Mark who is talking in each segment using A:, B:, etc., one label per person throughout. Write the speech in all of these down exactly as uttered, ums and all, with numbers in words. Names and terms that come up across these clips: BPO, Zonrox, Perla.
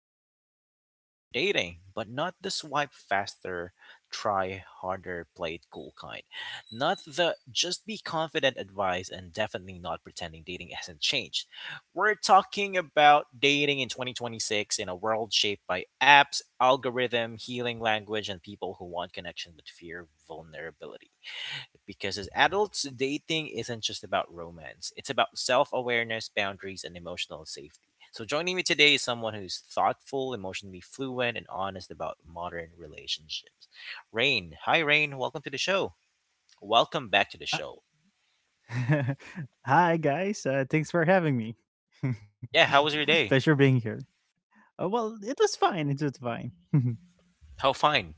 A: and today's episode is about dating, but not the swipe faster, try harder, play it cool kind. Not the just be confident advice, and definitely not pretending dating hasn't changed. We're talking about dating in twenty twenty-six in a world shaped by apps, algorithm, healing language, and people who want connection but fear vulnerability. Because as adults, dating isn't just about romance, it's about self awareness, boundaries, and emotional safety. So, joining me today is someone who's thoughtful, emotionally fluent, and honest about modern relationships. Rain. Hi, Rain. Welcome to the show. Welcome back to the
B: Uh,
A: show.
B: Hi, guys. Uh, thanks for having me.
A: Yeah, how was your day?
B: Pleasure being here. Uh, well, it was fine. It was fine.
A: How fine?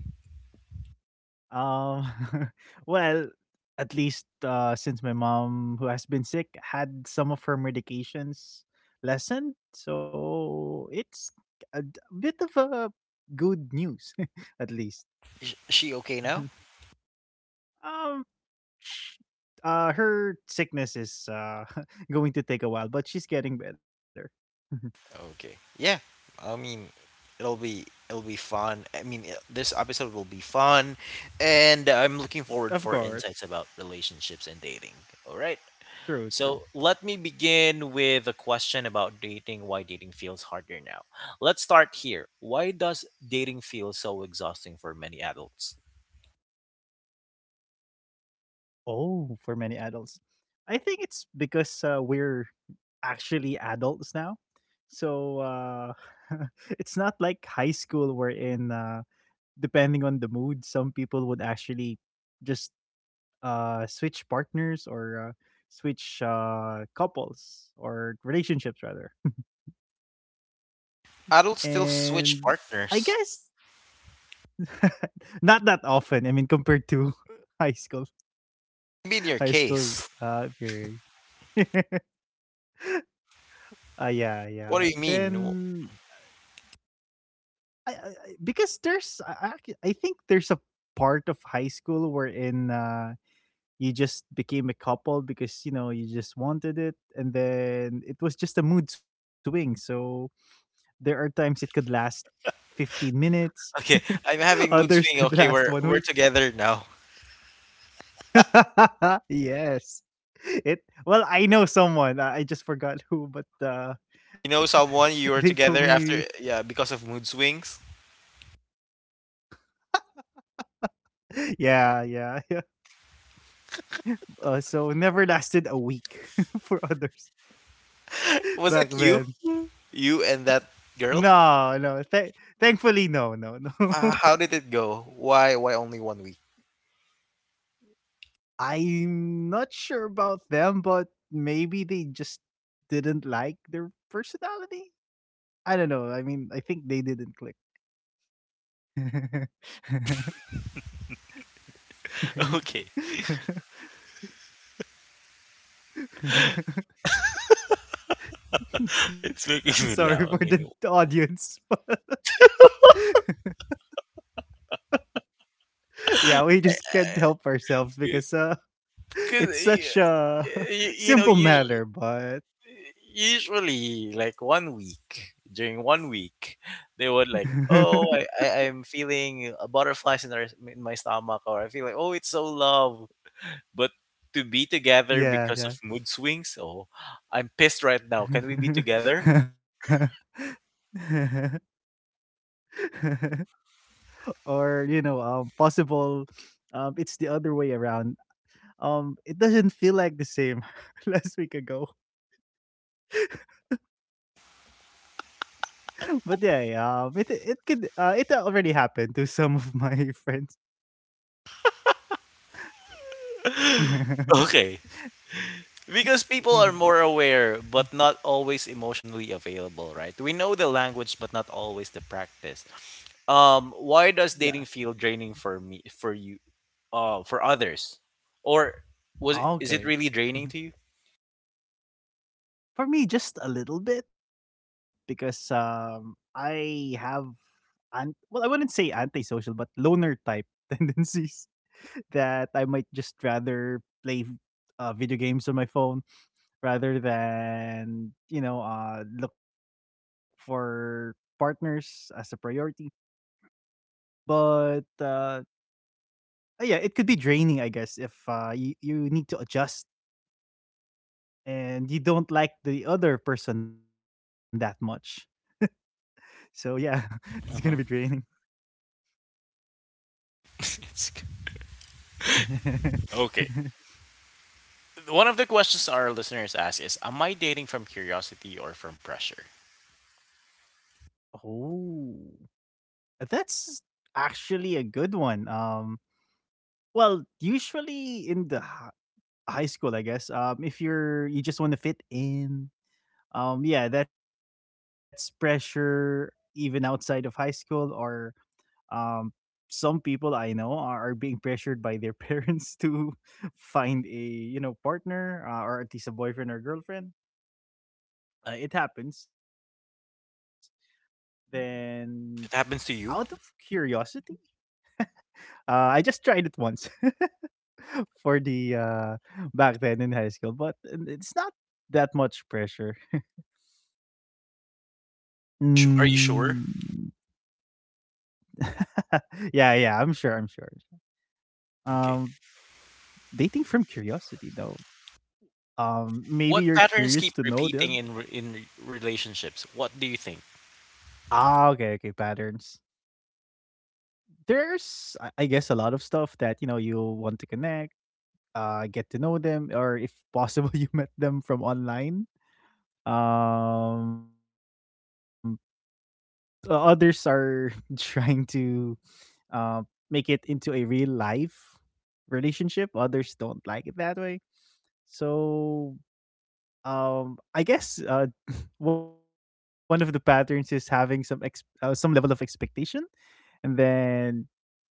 B: um, well, at least uh, since my mom, who has been sick, had some of her medications lessened. So it's a d- bit of a good news, at least.
A: Is she okay now?
B: Mhm. um, sh- uh, Her sickness is uh, going to take a while, but she's getting better.
A: Okay. Yeah. I mean, it'll be it'll be fun. I mean, it- this episode will be fun, and I'm looking forward
B: Of
A: for
B: course.
A: insights about relationships and dating. All right.
B: True,
A: So
B: true.
A: let me begin with a question about dating. Why dating feels harder now? Let's start here. Why does dating feel so exhausting for many adults?
B: Oh, for many adults. I think it's because uh, we're actually adults now. So uh, it's not like high school wherein, uh, depending on the mood, some people would actually just uh, switch partners or uh, switch uh, couples or relationships, rather.
A: Adults still
B: And
A: switch
B: I guess
A: partners.
B: not that often. I mean, compared to high school.
A: Maybe in your
B: High school
A: case.
B: uh period. Uh, yeah, yeah.
A: What do you mean? W-
B: Then I, I I- because there's I, I I think there's a part of high school wherein uh you just became a couple because you know you just wanted it and then it was just a mood swing. So there are times it could last fifteen minutes.
A: Okay, I'm having mood
B: Others
A: swing.
B: could
A: Okay,
B: last
A: we're
B: one
A: we're
B: week.
A: together now.
B: Yes. It well, I know someone. I I just forgot who, but uh
A: You know someone
B: they
A: you were
B: told
A: together
B: me
A: after, yeah, because of mood swings?
B: yeah, yeah, yeah. Uh, so never lasted a week for others
A: Was it you?
B: back then.
A: You and that girl?
B: No, no. Th- thankfully, no, no,
A: Uh,
B: no.
A: how did it go? Why why only one week?
B: I'm not sure about them, but maybe they just didn't like their personality. I don't know. I mean, I think they didn't click.
A: Okay. It's making me laugh.
B: Sorry
A: I
B: for the
A: mean,
B: audience. Yeah, we just can't help ourselves because uh,
A: Because you,
B: it's such
A: you
B: a
A: know usually,
B: simple matter, but
A: usually like one week, during one week they would like, oh, I, I i'm feeling uh, butterflies in, our, in my stomach, or I feel like, oh, it's so love. But to be together because
B: yeah,
A: of
B: yeah.
A: mood swings? Oh, I'm pissed right now, can we be together?
B: Or you know, um, possible. Um, it's the other way around. Um, it doesn't feel like the same last week ago, but yeah, yeah, um, it it could uh, it already happened to some of my friends.
A: Okay. Because people are more aware, but not always emotionally available, right? We know the language, but not always the practice. Um, why does
B: Yeah.
A: dating feel draining for me, for you, uh, for others, or was it, is it
B: Okay.
A: really draining to you?
B: For me, just a little bit because um, I have an well, I wouldn't say antisocial, but loner type tendencies that I might just rather play uh, video games on my phone rather than you know uh, look for partners as a priority. But uh, yeah, it could be draining, I guess, if uh, you you need to adjust and you don't like the other person that much. So yeah, it's gonna be draining.
A: Mhm. It's g- okay. One of the questions our listeners ask is, "Am I dating from curiosity or from pressure?"
B: Oh, that's actually a good one. Um, well, usually in the hi- high school, I guess. Um, if you're you just want to fit in, um, yeah, that's pressure even outside of high school. Or um, some people I know are, are being pressured by their parents to find a you know partner uh, or at least a boyfriend or girlfriend. Uh, it happens. Then,
A: It happens to you.
B: out of curiosity, uh, I just tried it once for the uh, back then in high school, but it's not that much pressure.
A: Sh- Are you sure?
B: Mm. Yeah, yeah, I'm sure, I'm sure.
A: Okay.
B: Um, Dating from curiosity though.
A: What
B: Um,
A: patterns
B: maybe
A: keep
B: you're
A: repeating
B: curious to
A: in re-
B: know
A: in
B: the
A: re- relationships? What do you think?
B: ah, okay, okay, patterns. There's, I I guess, a lot of stuff that you know you want to connect uh, get to know them, or if possible, you met them from online. Um, o- Others are trying to um, make it into a real life relationship. Others don't like it that way. So um, I guess uh, one of the patterns is having some ex- uh, some level of expectation, and then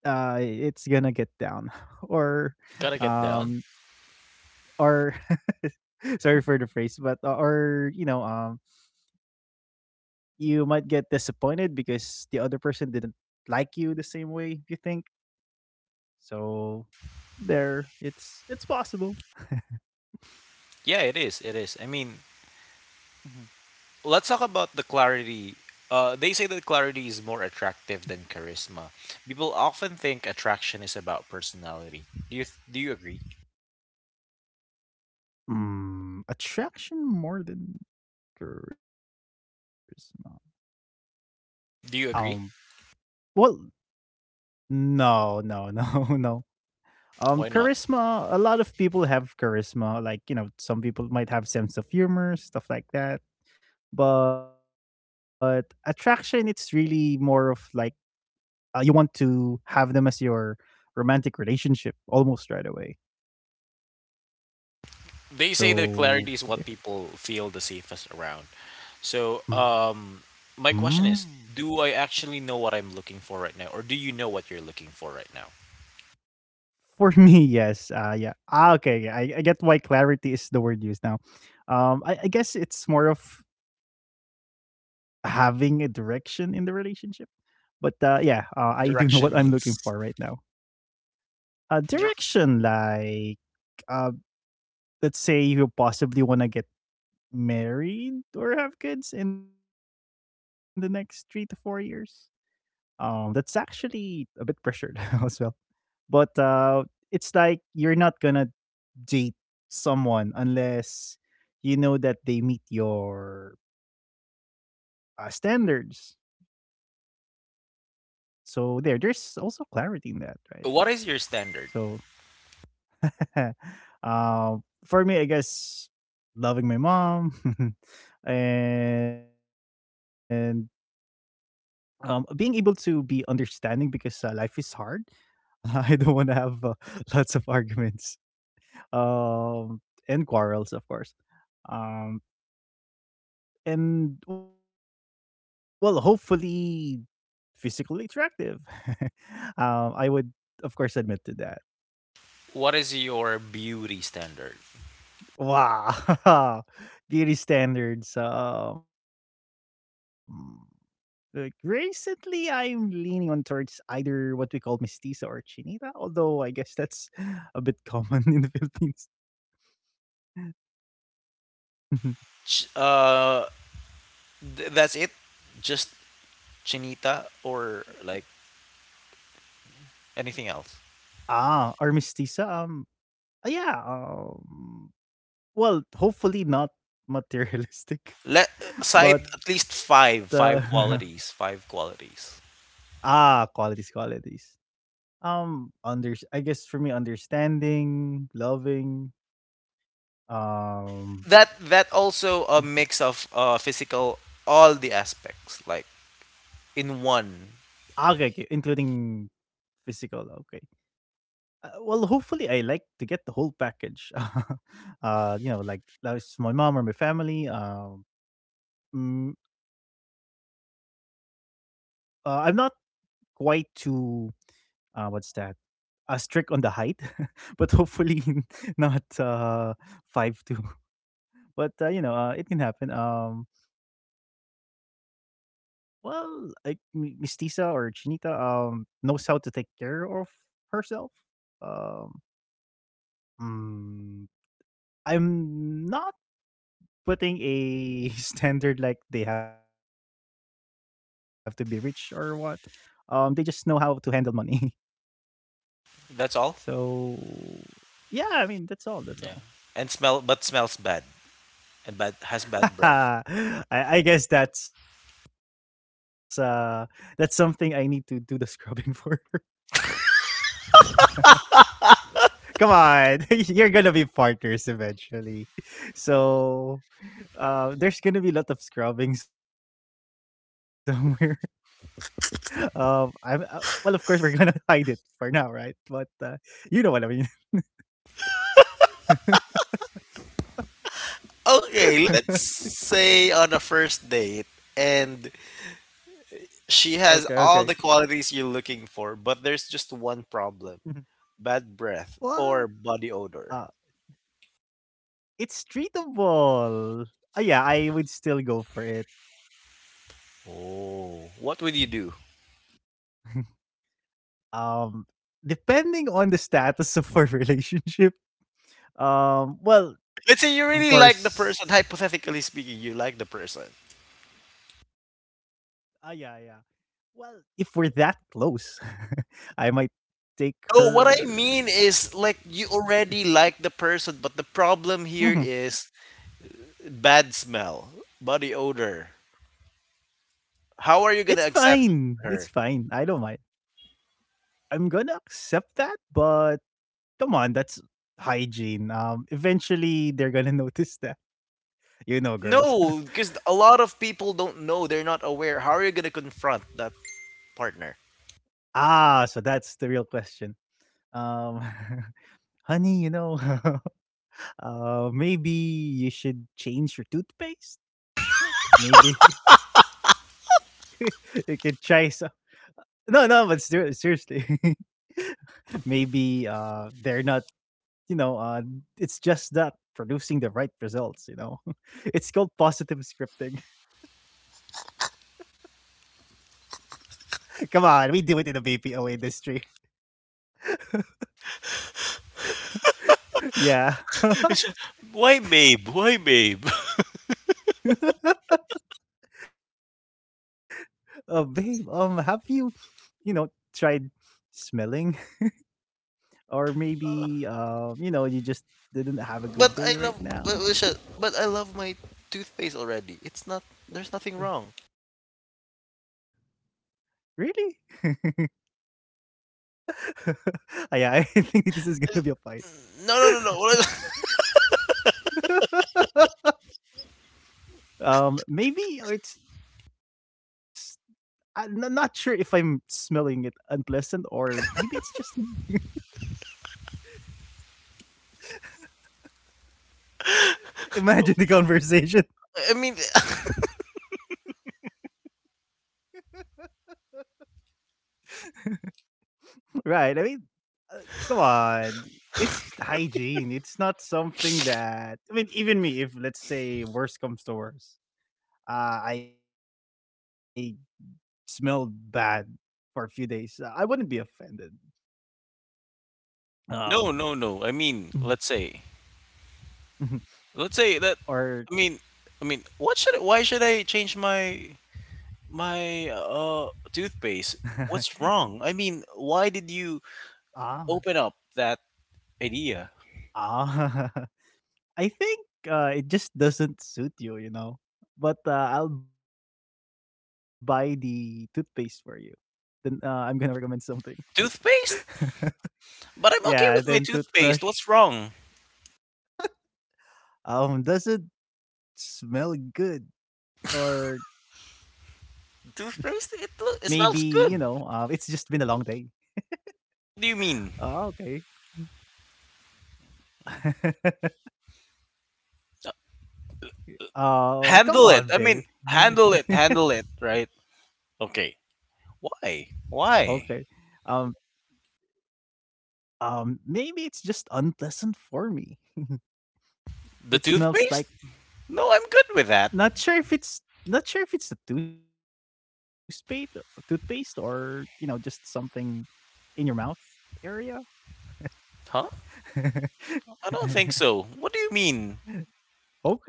B: uh, it's gonna get down
A: Gotta get
B: or
A: down.
B: um, or sorry for the phrase, but uh, or you know, um, you might get disappointed because the other person didn't like you the same way you think. So there, it's it's possible.
A: Yeah, it is. It is. I mean,
B: Mhm.
A: let's talk about the clarity. Uh, they say that clarity is more attractive than charisma. People often think attraction is about personality. Do you do you agree?
B: Mm, attraction more than charisma.
A: Do you
B: Um,
A: agree?
B: well, no, no, no, no.
A: Why not?
B: Um, charisma. A lot of people have charisma. Like you know, some people might have sense of humor, stuff like that, but attraction it's really more of like uh, you want to have them as your romantic relationship almost right away,
A: They say that clarity is
B: so
A: what
B: there.
A: people feel the safest around. So, um, my
B: Mm.
A: question is, do I actually know what I'm looking for right now, or do you know what you're looking for right now?
B: For me yes uh yeah. Ah, okay, yeah, I, I get why clarity is the word used now. um I, I guess it's more of having a direction in the relationship, but uh yeah uh, I do know what I'm
A: Direction
B: looking for
A: means.
B: right now. Uh
A: dir-
B: direction like uh let's say you possibly want to get married or have kids in the next three to four years. Um, that's actually a bit pressured as well. But uh, it's like you're not gonna date someone unless you know that they meet your uh, standards. So there, there's also clarity in that, right?
A: what is your standard?
B: So, uh, for me, I guess loving my mom and um being able to be understanding because uh, life is hard. I don't want to have uh, lots of arguments, um and quarrels of course, um and well hopefully physically attractive. um I would of course admit to that.
A: What is your beauty standard?
B: Wow. Beauty standards. um Like recently, I'm leaning on towards either what we call mestiza or chinita, although I guess that's a bit common in the Philippines.
A: Ch- Uh, Th- that's it. Just Chinita, or like anything else.
B: Ah, or mestiza. Um, uh, yeah. Um, well, hopefully not materialistic,
A: Let Cite
B: but
A: at least
B: uh,
A: five, five qualities, five qualities.
B: ah, qualities, qualities. Um, under I guess for me, understanding, loving.
A: That
B: Um,
A: that also a mix of uh, physical, all the aspects, like in one.
B: ah, okay, okay, including physical. Okay. Uh, well, hopefully, I like to get the whole package. Uh, you know, like like it's my mom or my family. Um, mm, uh, I'm not quite too uh, what's that? Uh, strict on the height, but hopefully not uh, five two. But uh, you know, uh, it can happen. Um, well, like M- Miss Tisa or Chinita, um, knows how to take care of herself. Um, mm, I'm not putting a standard like they have to be rich or what. Um, they just know how to handle money.
A: That's all.
B: So yeah, I mean that's all. That's all.
A: Yeah. And smell, but smells bad and bad has bad breath.
B: I, I guess that's uh that's something I need to do the scrubbing for. Come on, you're gonna be partners eventually. So uh, there's gonna be a lot of scrubbing somewhere. um, I'm uh, Well, of course, we're gonna hide it for now, right? But uh, you know what I mean.
A: Okay, let's
B: Okay,
A: say on a first date, and
B: okay.
A: she has all the qualities you're looking for, but there's just one
B: Mhm.
A: problem. Bad breath
B: What?
A: or body
B: Uh,
A: odor.
B: it's treatable. Uh, yeah, I would still go for it.
A: Oh, what would you do?
B: um, Depending on the status of our relationship. Um, well,
A: Let's say you
B: of
A: really like the person,
B: course.
A: hypothetically speaking, you like the person.
B: Ah, yeah, yeah. Well, if we're that close, I might take
A: Oh, what I
B: her.
A: mean is like you already like the person, but the problem here
B: Mhm.
A: is bad smell, body odor.
B: It's fine.
A: How
B: It's
A: are you gonna
B: fine. I don't
A: accept
B: mind.
A: her?
B: I'm gonna accept that, but come on, that's hygiene. Um, eventually they're gonna notice that. You know, girls.
A: No, because a lot of people don't know, they're not aware. How are you gonna confront that partner?
B: Ah, so that's the real question. Um, honey, you know, uh, maybe you should change your toothpaste. Maybe you could try some. No, no, but ser- seriously, maybe uh, they're not you know, uh, it's just that producing the right results, you know. It's called positive scripting. Come on, we do it in the B P O industry. Yeah.
A: Why, babe? Why, babe?
B: Uh, babe, um have you, you know, tried smelling or maybe um, you know, you just didn't have a
A: But
B: good
A: I
B: day
A: love
B: right
A: but
B: now?
A: we should- but I love my toothpaste already. It's not. There's nothing wrong.
B: Really? Yeah, I think this is gonna be a fight.
A: No, no, no, no. what I
B: Um, maybe it's I'm no- not sure if I'm smelling it unpleasant or maybe it's just me. Imagine the conversation.
A: I mean
B: Right. I mean, uh, come on. It's hygiene. It's not something that. I mean, even me, if let's say worse comes to worse, uh, I smelled bad for a few days, uh, I wouldn't be offended. Um,
A: No, no, no. I mean, let's say, let's say that.
B: or.
A: I mean, I mean, what should? I- Why should I change my my uh toothpaste? What's wrong? I mean, why did you
B: ah.
A: open up that idea?
B: Ah. I think uh, it just doesn't suit you, you know. But uh, I'll buy the toothpaste for you. Then uh, I'm gonna recommend something.
A: Toothpaste? But
B: Yeah,
A: I'm okay
B: then
A: with my
B: toothbrush.
A: toothpaste. What's wrong?
B: Um, doesn't smell good, or maybe you
A: Toothpaste? It
B: know,
A: lo- it
B: uh, it's
A: smells
B: just been a
A: good.
B: long day.
A: What do you
B: Oh,
A: mean?
B: okay. Oh, come
A: Handle it.
B: on,
A: I
B: babe.
A: mean, handle it, handle it, right? Okay.
B: Okay.
A: Why?
B: Um,
A: Why?
B: um, Maybe it's just unpleasant for me. It
A: The
B: smells like
A: toothpaste? No, I'm good with
B: Not
A: that.
B: sure if it's not sure if it's a toothpaste toothpaste or, you know, just something in your mouth area.
A: Huh? I don't think so. What do you mean?
B: Okay.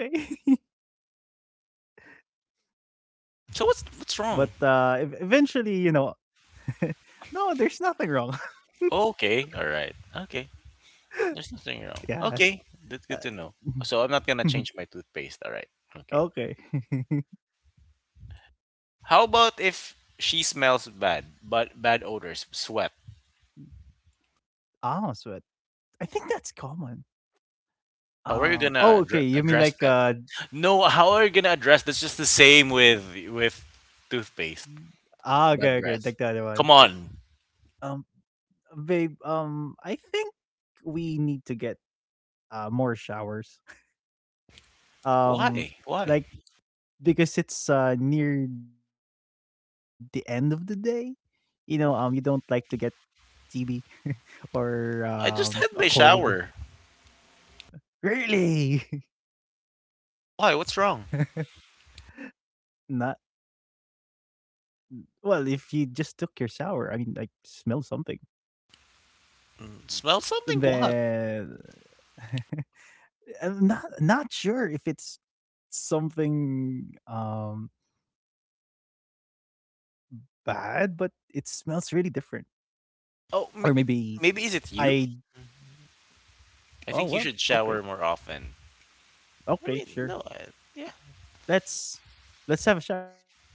B: But
A: So
B: uh
A: what's
B: ev-
A: what's wrong?
B: eventually, you know, no, there's nothing wrong.
A: Okay, all right. Okay. There's nothing wrong.
B: Yeah.
A: Okay. That's good to know. So I'm not
B: Uh,
A: going to change my toothpaste, all right. Okay.
B: okay.
A: How about if she smells bad, but bad odors, sweat?
B: Ah, sweat. I think that's common.
A: How are you
B: Um
A: going
B: oh
A: to
B: okay,
A: addre-
B: you mean
A: address
B: like
A: that?
B: uh
A: No, how are you going to address, that's just the same with with
B: ah, okay,
A: toothpaste?
B: okay, like the other one.
A: Bad breath. Come
B: Um
A: on.
B: babe, um I think we need to get uh, more showers. Um,
A: Why?
B: like
A: Why?
B: because it's uh, near the end of the day, you know, um, you don't like to get T B or um,
A: I
B: a
A: just had my
B: cold.
A: shower.
B: Really,
A: Why? What's wrong?
B: not well. If you just took your shower, I mean, I smelled something.
A: Mm, Smell something? What?
B: Then I'm not not sure if it's something um bad, but it smells really different. Or
A: Oh,
B: maybe
A: m- maybe is it
B: I
A: you?
B: oh
A: I
B: well,
A: think you should
B: okay,
A: shower more often. I
B: okay,
A: mean,
B: sure.
A: no, I, yeah.
B: Let's let's have a shower.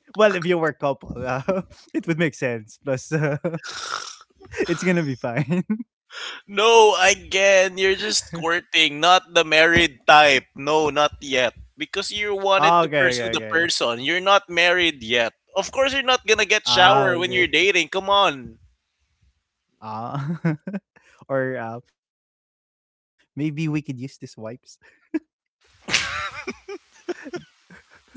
B: Well, if you were a couple, uh, it would make sense. Plus, uh, it's gonna be fine.
A: No, again, you're just courting, not the married type. No, not yet. Because you
B: Okay,
A: wanted
B: okay,
A: to
B: okay.
A: pursue the person. You're not married yet. Of course you're not gonna get
B: Ah, okay.
A: shower when you're dating. Come on,
B: Ah, or uh, maybe we could use these wipes.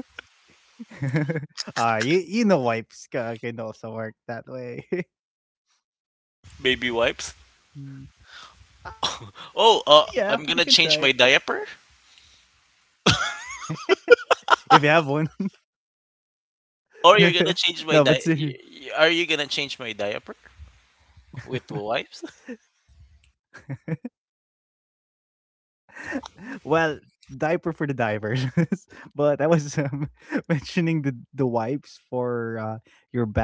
B: Ah, you you know wipes ca- can also work that way.
A: baby wipes.
B: Mm. Ah, yeah, we can
A: Oh,
B: try it
A: uh, I'm gonna change my diaper.
B: if you have one.
A: Or you're gonna
B: No,
A: change
B: but
A: my di-
B: seriously.
A: y- y- Are you gonna change my diaper with wipes?
B: Well, diaper for the divers, but I was um, mentioning the the wipes for uh, your back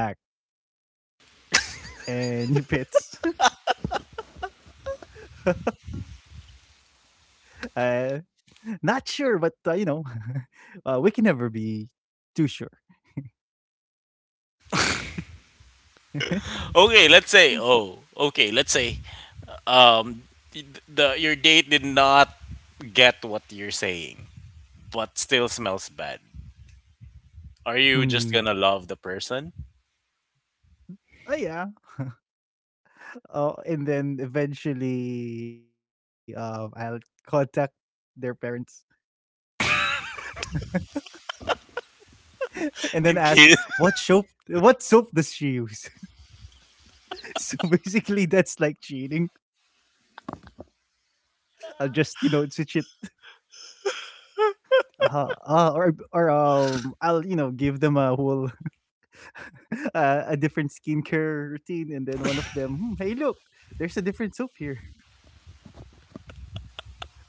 B: and your pits. Uh, not sure, but uh, you know, uh, we can never be too sure.
A: Okay, let's say. Oh, okay, let's say. Um, the, the your date did not get what you're saying, but still smells bad. Are
B: Mm.
A: you just gonna love the person?
B: Oh yeah. Oh, and then eventually, uh, I'll contact their parents and then
A: In
B: ask
A: case,
B: what soap what soap does she use. So basically, that's like cheating. I'll just you know switch it. Uh, uh, or or um, I'll you know give them a whole uh, a different skincare routine, and then one of them, hmm, hey, look, there's a different soap here. Maybe can you can also use this?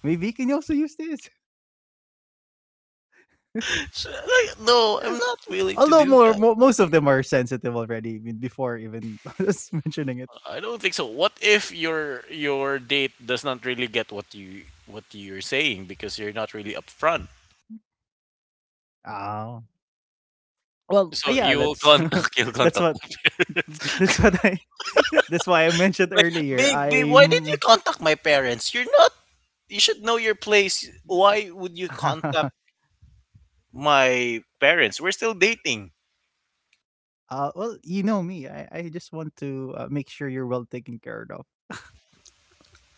A: so, like, no, I'm not
B: Although
A: willing
B: more,
A: to
B: mo-
A: do
B: most
A: that.
B: of them are sensitive already, I mean, before even us mentioning it.
A: I don't think so. What if your your date does not really get what you what you're saying because you're not really upfront?
B: Oh. Well, uh, yeah,
A: So
B: that's
A: you'll contact you'll
B: that's what
A: contact the parents.
B: that's what I that's why I mentioned
A: Like,
B: earlier.
A: baby, why did you
B: I'm
A: contact my parents? You're not. You should know your place. Why would you contact my parents? We're still dating.
B: Uh, well, you know me. I, I just want to uh, make sure you're well taken care of.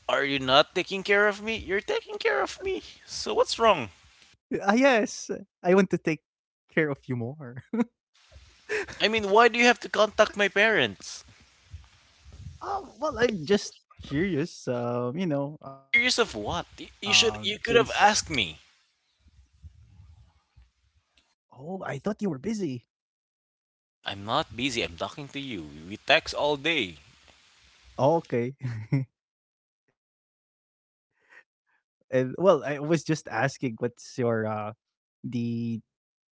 A: Are you not taking care of me? You're taking care of me. So what's
B: Ah,
A: wrong?
B: yes. I want to take care of you more.
A: I mean, why do you have to contact my parents?
B: Um, well, I'm just curious. Um, you know,
A: Curious
B: um,
A: of what?
B: since
A: Y- You should. You could have asked me.
B: oh, I thought you were busy.
A: I'm not busy. I'm talking to you. We text all day.
B: Oh, okay. And well, I was just asking, what's your uh the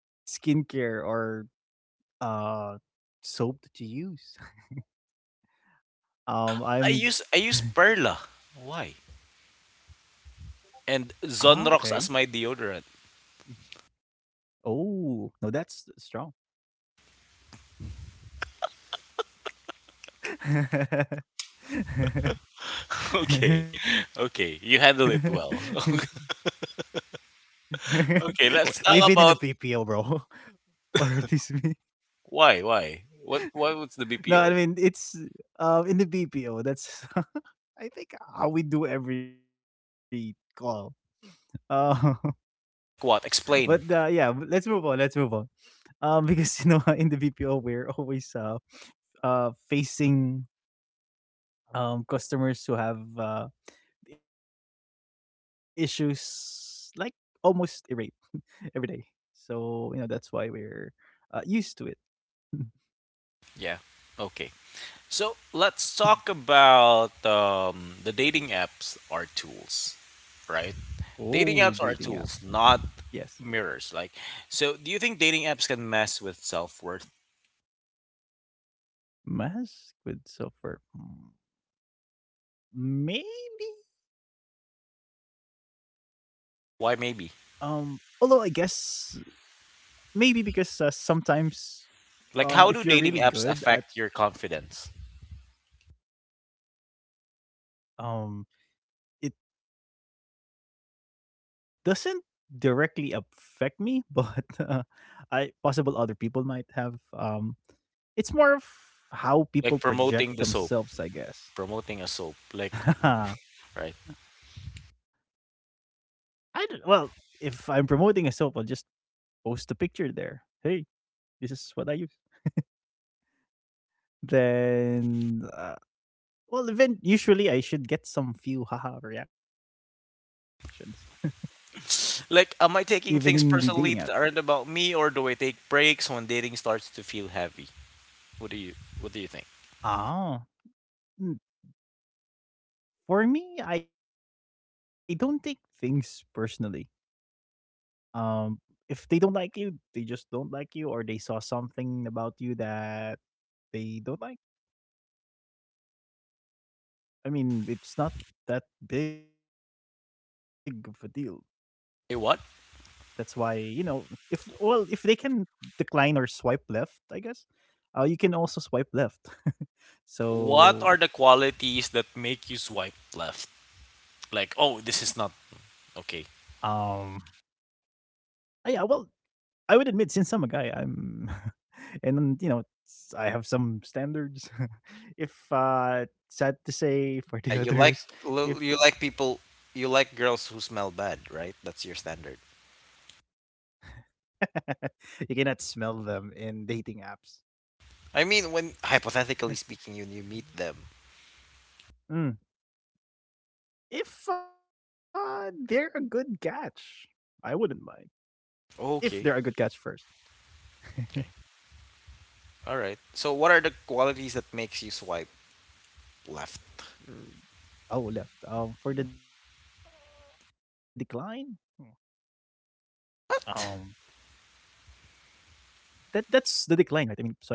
B: skincare or uh soap that you use? Um,
A: I
B: I'm.
A: use I use Perla. Why?
B: Ah, okay.
A: And Zonrox as my
B: Mm.
A: deodorant.
B: Oh, no, that's strong.
A: Okay, okay. You handle it well.
B: W- We've been in the
A: Okay, let's
B: B P O,
A: talk about
B: bro. Or at least me.
A: why, why, what, why was
B: No,
A: the
B: I mean
A: B P O?
B: it's um in the B P O. That's I think how we do every call. Uh, but
A: What?
B: uh, yeah, but
A: Explain.
B: let's move on. Let's move on. Um, because you know in the B P O we're always uh uh facing um customers who have uh issues like almost irate every day. So you know that's why we're uh, used to it.
A: Yeah. Okay. So let's talk about, um, the dating apps are tools,
B: Oh, dating
A: right?
B: apps.
A: Dating apps are
B: Yes,
A: tools, not mirrors. Like, so do you think dating apps can mess with self worth?
B: mask with software. Hmm, maybe. Um.
A: Why,
B: Although I
A: maybe?
B: guess maybe because uh, sometimes um if you're really
A: Like, how do
B: good
A: dating
B: at
A: apps affect your confidence?
B: um it doesn't directly affect me, but uh, I possible other people might have um it's more of how people project
A: Like
B: themselves, I
A: promoting the
B: guess.
A: soap, promoting a soap, like,
B: I
A: right?
B: don't, well, if I'm promoting a soap, I'll just post a picture there. Hey, this is what I use. Then, uh, well, even usually I should get some few haha reactions, even in the
A: Like,
B: dating
A: am I
B: apps.
A: taking things personally that aren't about me, or do I take breaks when dating starts to feel heavy? What do you What do you think?
B: Ah, mm, for me, I don't take things personally. Um, if they don't like you, they just don't like you, or they saw something about you that they don't like, I mean, it's not that big of a deal. That's
A: Hey,
B: why,
A: what?
B: you know, if well, if they can decline or swipe left, I guess, uh, you can also swipe left.
A: What
B: So,
A: are the qualities that make you swipe left? Like, oh, this is not
B: um,
A: okay.
B: uh, yeah, well, I would admit since I'm a guy, I'm and then, you know, s- I have some standards. If uh sad to say for the
A: Uh, You like
B: others, if
A: l- you like people you like girls who smell bad, right? That's your standard.
B: you cannot smell them in dating apps.
A: I mean, when hypothetically speaking, you you meet them.
B: Mm. If uh, they're a good catch, I wouldn't mind. If they're a good catch
A: Okay.
B: first.
A: Okay. All right. So, what are the qualities that makes you swipe left?
B: Er, oh, left. Um, for the decline, hmm, um,
A: What?
B: that that's the decline, right? I mean, swiping left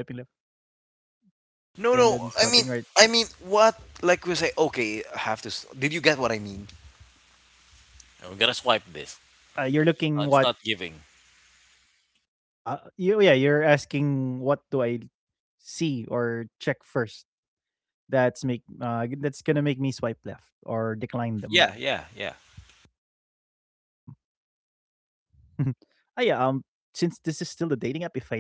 B: and
A: No,
B: then
A: no. I
B: swiping
A: mean,
B: right.
A: I mean, what? Like we say, okay, I have to. s- Did you get what I mean? I'm
B: Uh,
A: gonna
B: you're
A: swipe this.
B: looking what?
A: Uh, It's not giving.
B: Uh, you, yeah, you're asking what do I see or check first? That's make uh, that's gonna make me swipe left or decline them.
A: Yeah, yeah, yeah.
B: Ah, yeah. Um, since this is still the dating app, if I don't like how they look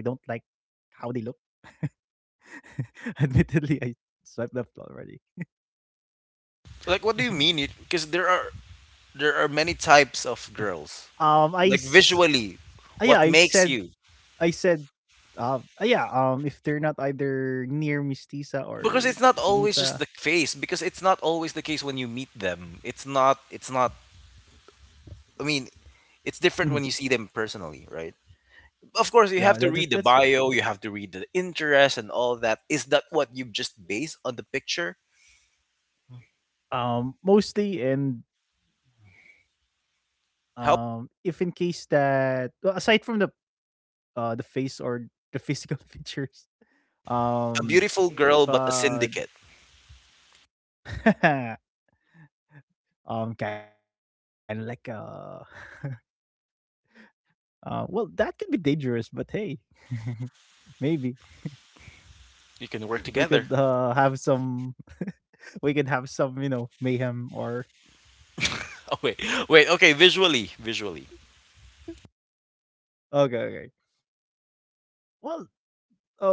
B: admittedly, I swipe left already.
A: Like, what do you mean? Because there are there are many types
B: Um, I
A: of
B: s-
A: girls. Like
B: ah, yeah, I
A: visually,
B: said
A: what makes
B: I
A: you?
B: said um ah, yeah, um if they're not either near Mistisa or
A: Because it's not always
B: Chinita,
A: just the face. Because it's not always the case when you meet them. It's not. It's not. I mean,
B: mhm,
A: it's different when you see them personally, right? Of
B: no,
A: course, you
B: that's
A: have to
B: that's true,
A: read the
B: that's true.
A: bio. You have to read the interest and all that. Is that what you just base on the picture?
B: Um, mostly and um if in
A: How
B: case that well, aside from the uh the face or the physical features,
A: a
B: um
A: beautiful
B: if
A: girl but a syndicate.
B: uh um kind of like uh uh, well, that could be dangerous, but hey, maybe
A: You can work together.
B: we could uh, have some. we could have some, you know, mayhem or
A: Oh wait, wait. Okay, visually, visually.
B: okay, okay. Well,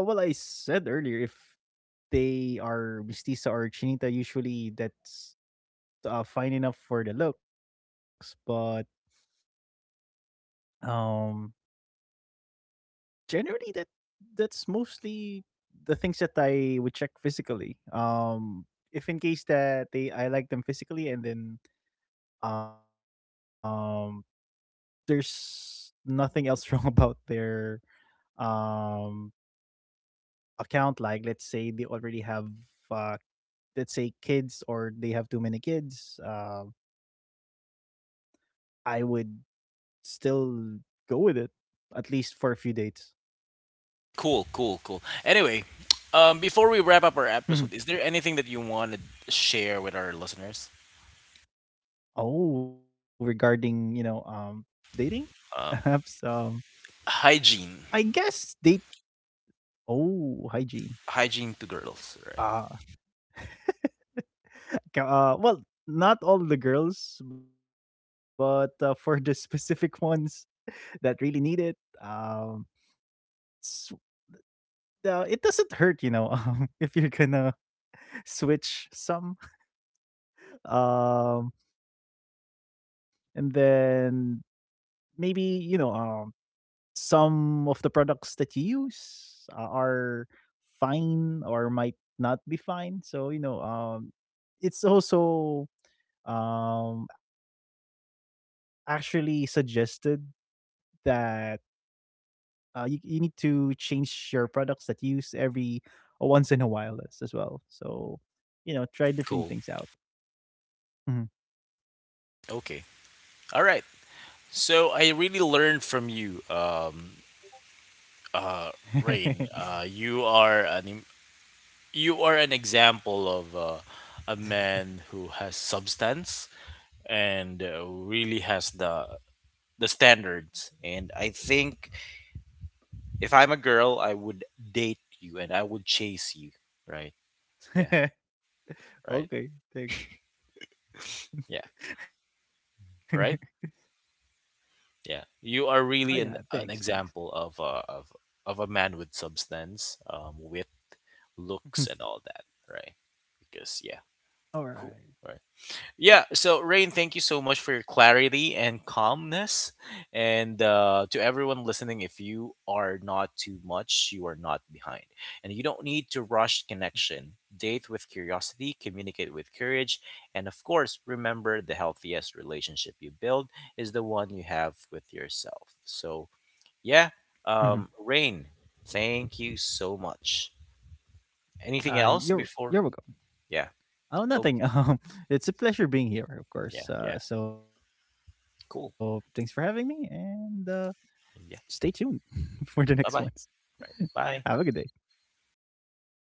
B: uh, well, I said earlier if they are mestiza or chinita, usually that's uh, fine enough for the looks, but um, generally that that's mostly the things that I would check physically. Um, if in case that they I like them physically and then um there's nothing else wrong about their um account, like let's say they already have uh let's say kids or they have too many kids, uh, I would still go with it at least for a few dates.
A: Cool, cool, cool. Anyway, um, before we wrap up our episode, is there
B: Mhm.
A: anything that you want to share with our listeners?
B: Oh, regarding you know um dating
A: Uh,
B: apps, um
A: Hygiene,
B: I guess date oh, hygiene,
A: hygiene to girls, right?
B: uh Ka- Uh, well, not all the girls, but uh, for the specific ones that really need it, um, s uh, it doesn't hurt, you know, um, if you're gonna switch some. Um, and then maybe, you know, um, some of the products that you use uh, are fine or might not be fine. So, you know, um, it's also um actually suggested that uh, you you need to change your products that you use every uh, once in a while, as, as well. So you know, try different
A: Cool.
B: things out. Mhm.
A: Okay. All right. So I really learned from you, um, uh, Rain. Uh, you are an im- you are an example of uh, a man who has substance and uh, really has the the standards. And I think if I'm a girl I would date you and I would chase you. Right? Yeah. Right.
B: Okay, thanks.
A: Yeah. Right.
B: Oh
A: Yeah.
B: yeah,
A: You
B: thanks,
A: are
B: thanks.
A: really an, an example of a of, of a man with substance, um with
B: Mhm.
A: looks and all that. Right? Because, yeah.
B: All right.
A: who- right. Yeah, so Rain, thank you so much for your clarity and calmness. And uh, to everyone listening, if you are not too much, you are not behind. And you don't need to rush connection. Date with curiosity, communicate with courage, and of course, remember the healthiest relationship you build is the one you have with yourself. So, yeah,
B: Mhm.
A: um, Rain, thank you so much.
B: Uh,
A: Anything
B: you're
A: else
B: you're welcome.
A: before? Yeah.
B: Oh,
A: Oh,
B: nothing. Um, it's a pleasure being here, of
A: yeah,
B: course.
A: yeah.
B: Uh, so thanks for having me,
A: Cool.
B: and uh, stay tuned
A: Yeah.
B: for the next ones.
A: Bye bye.
B: Have a
A: Right.
B: good day.
A: Bye.
B: Bye for now.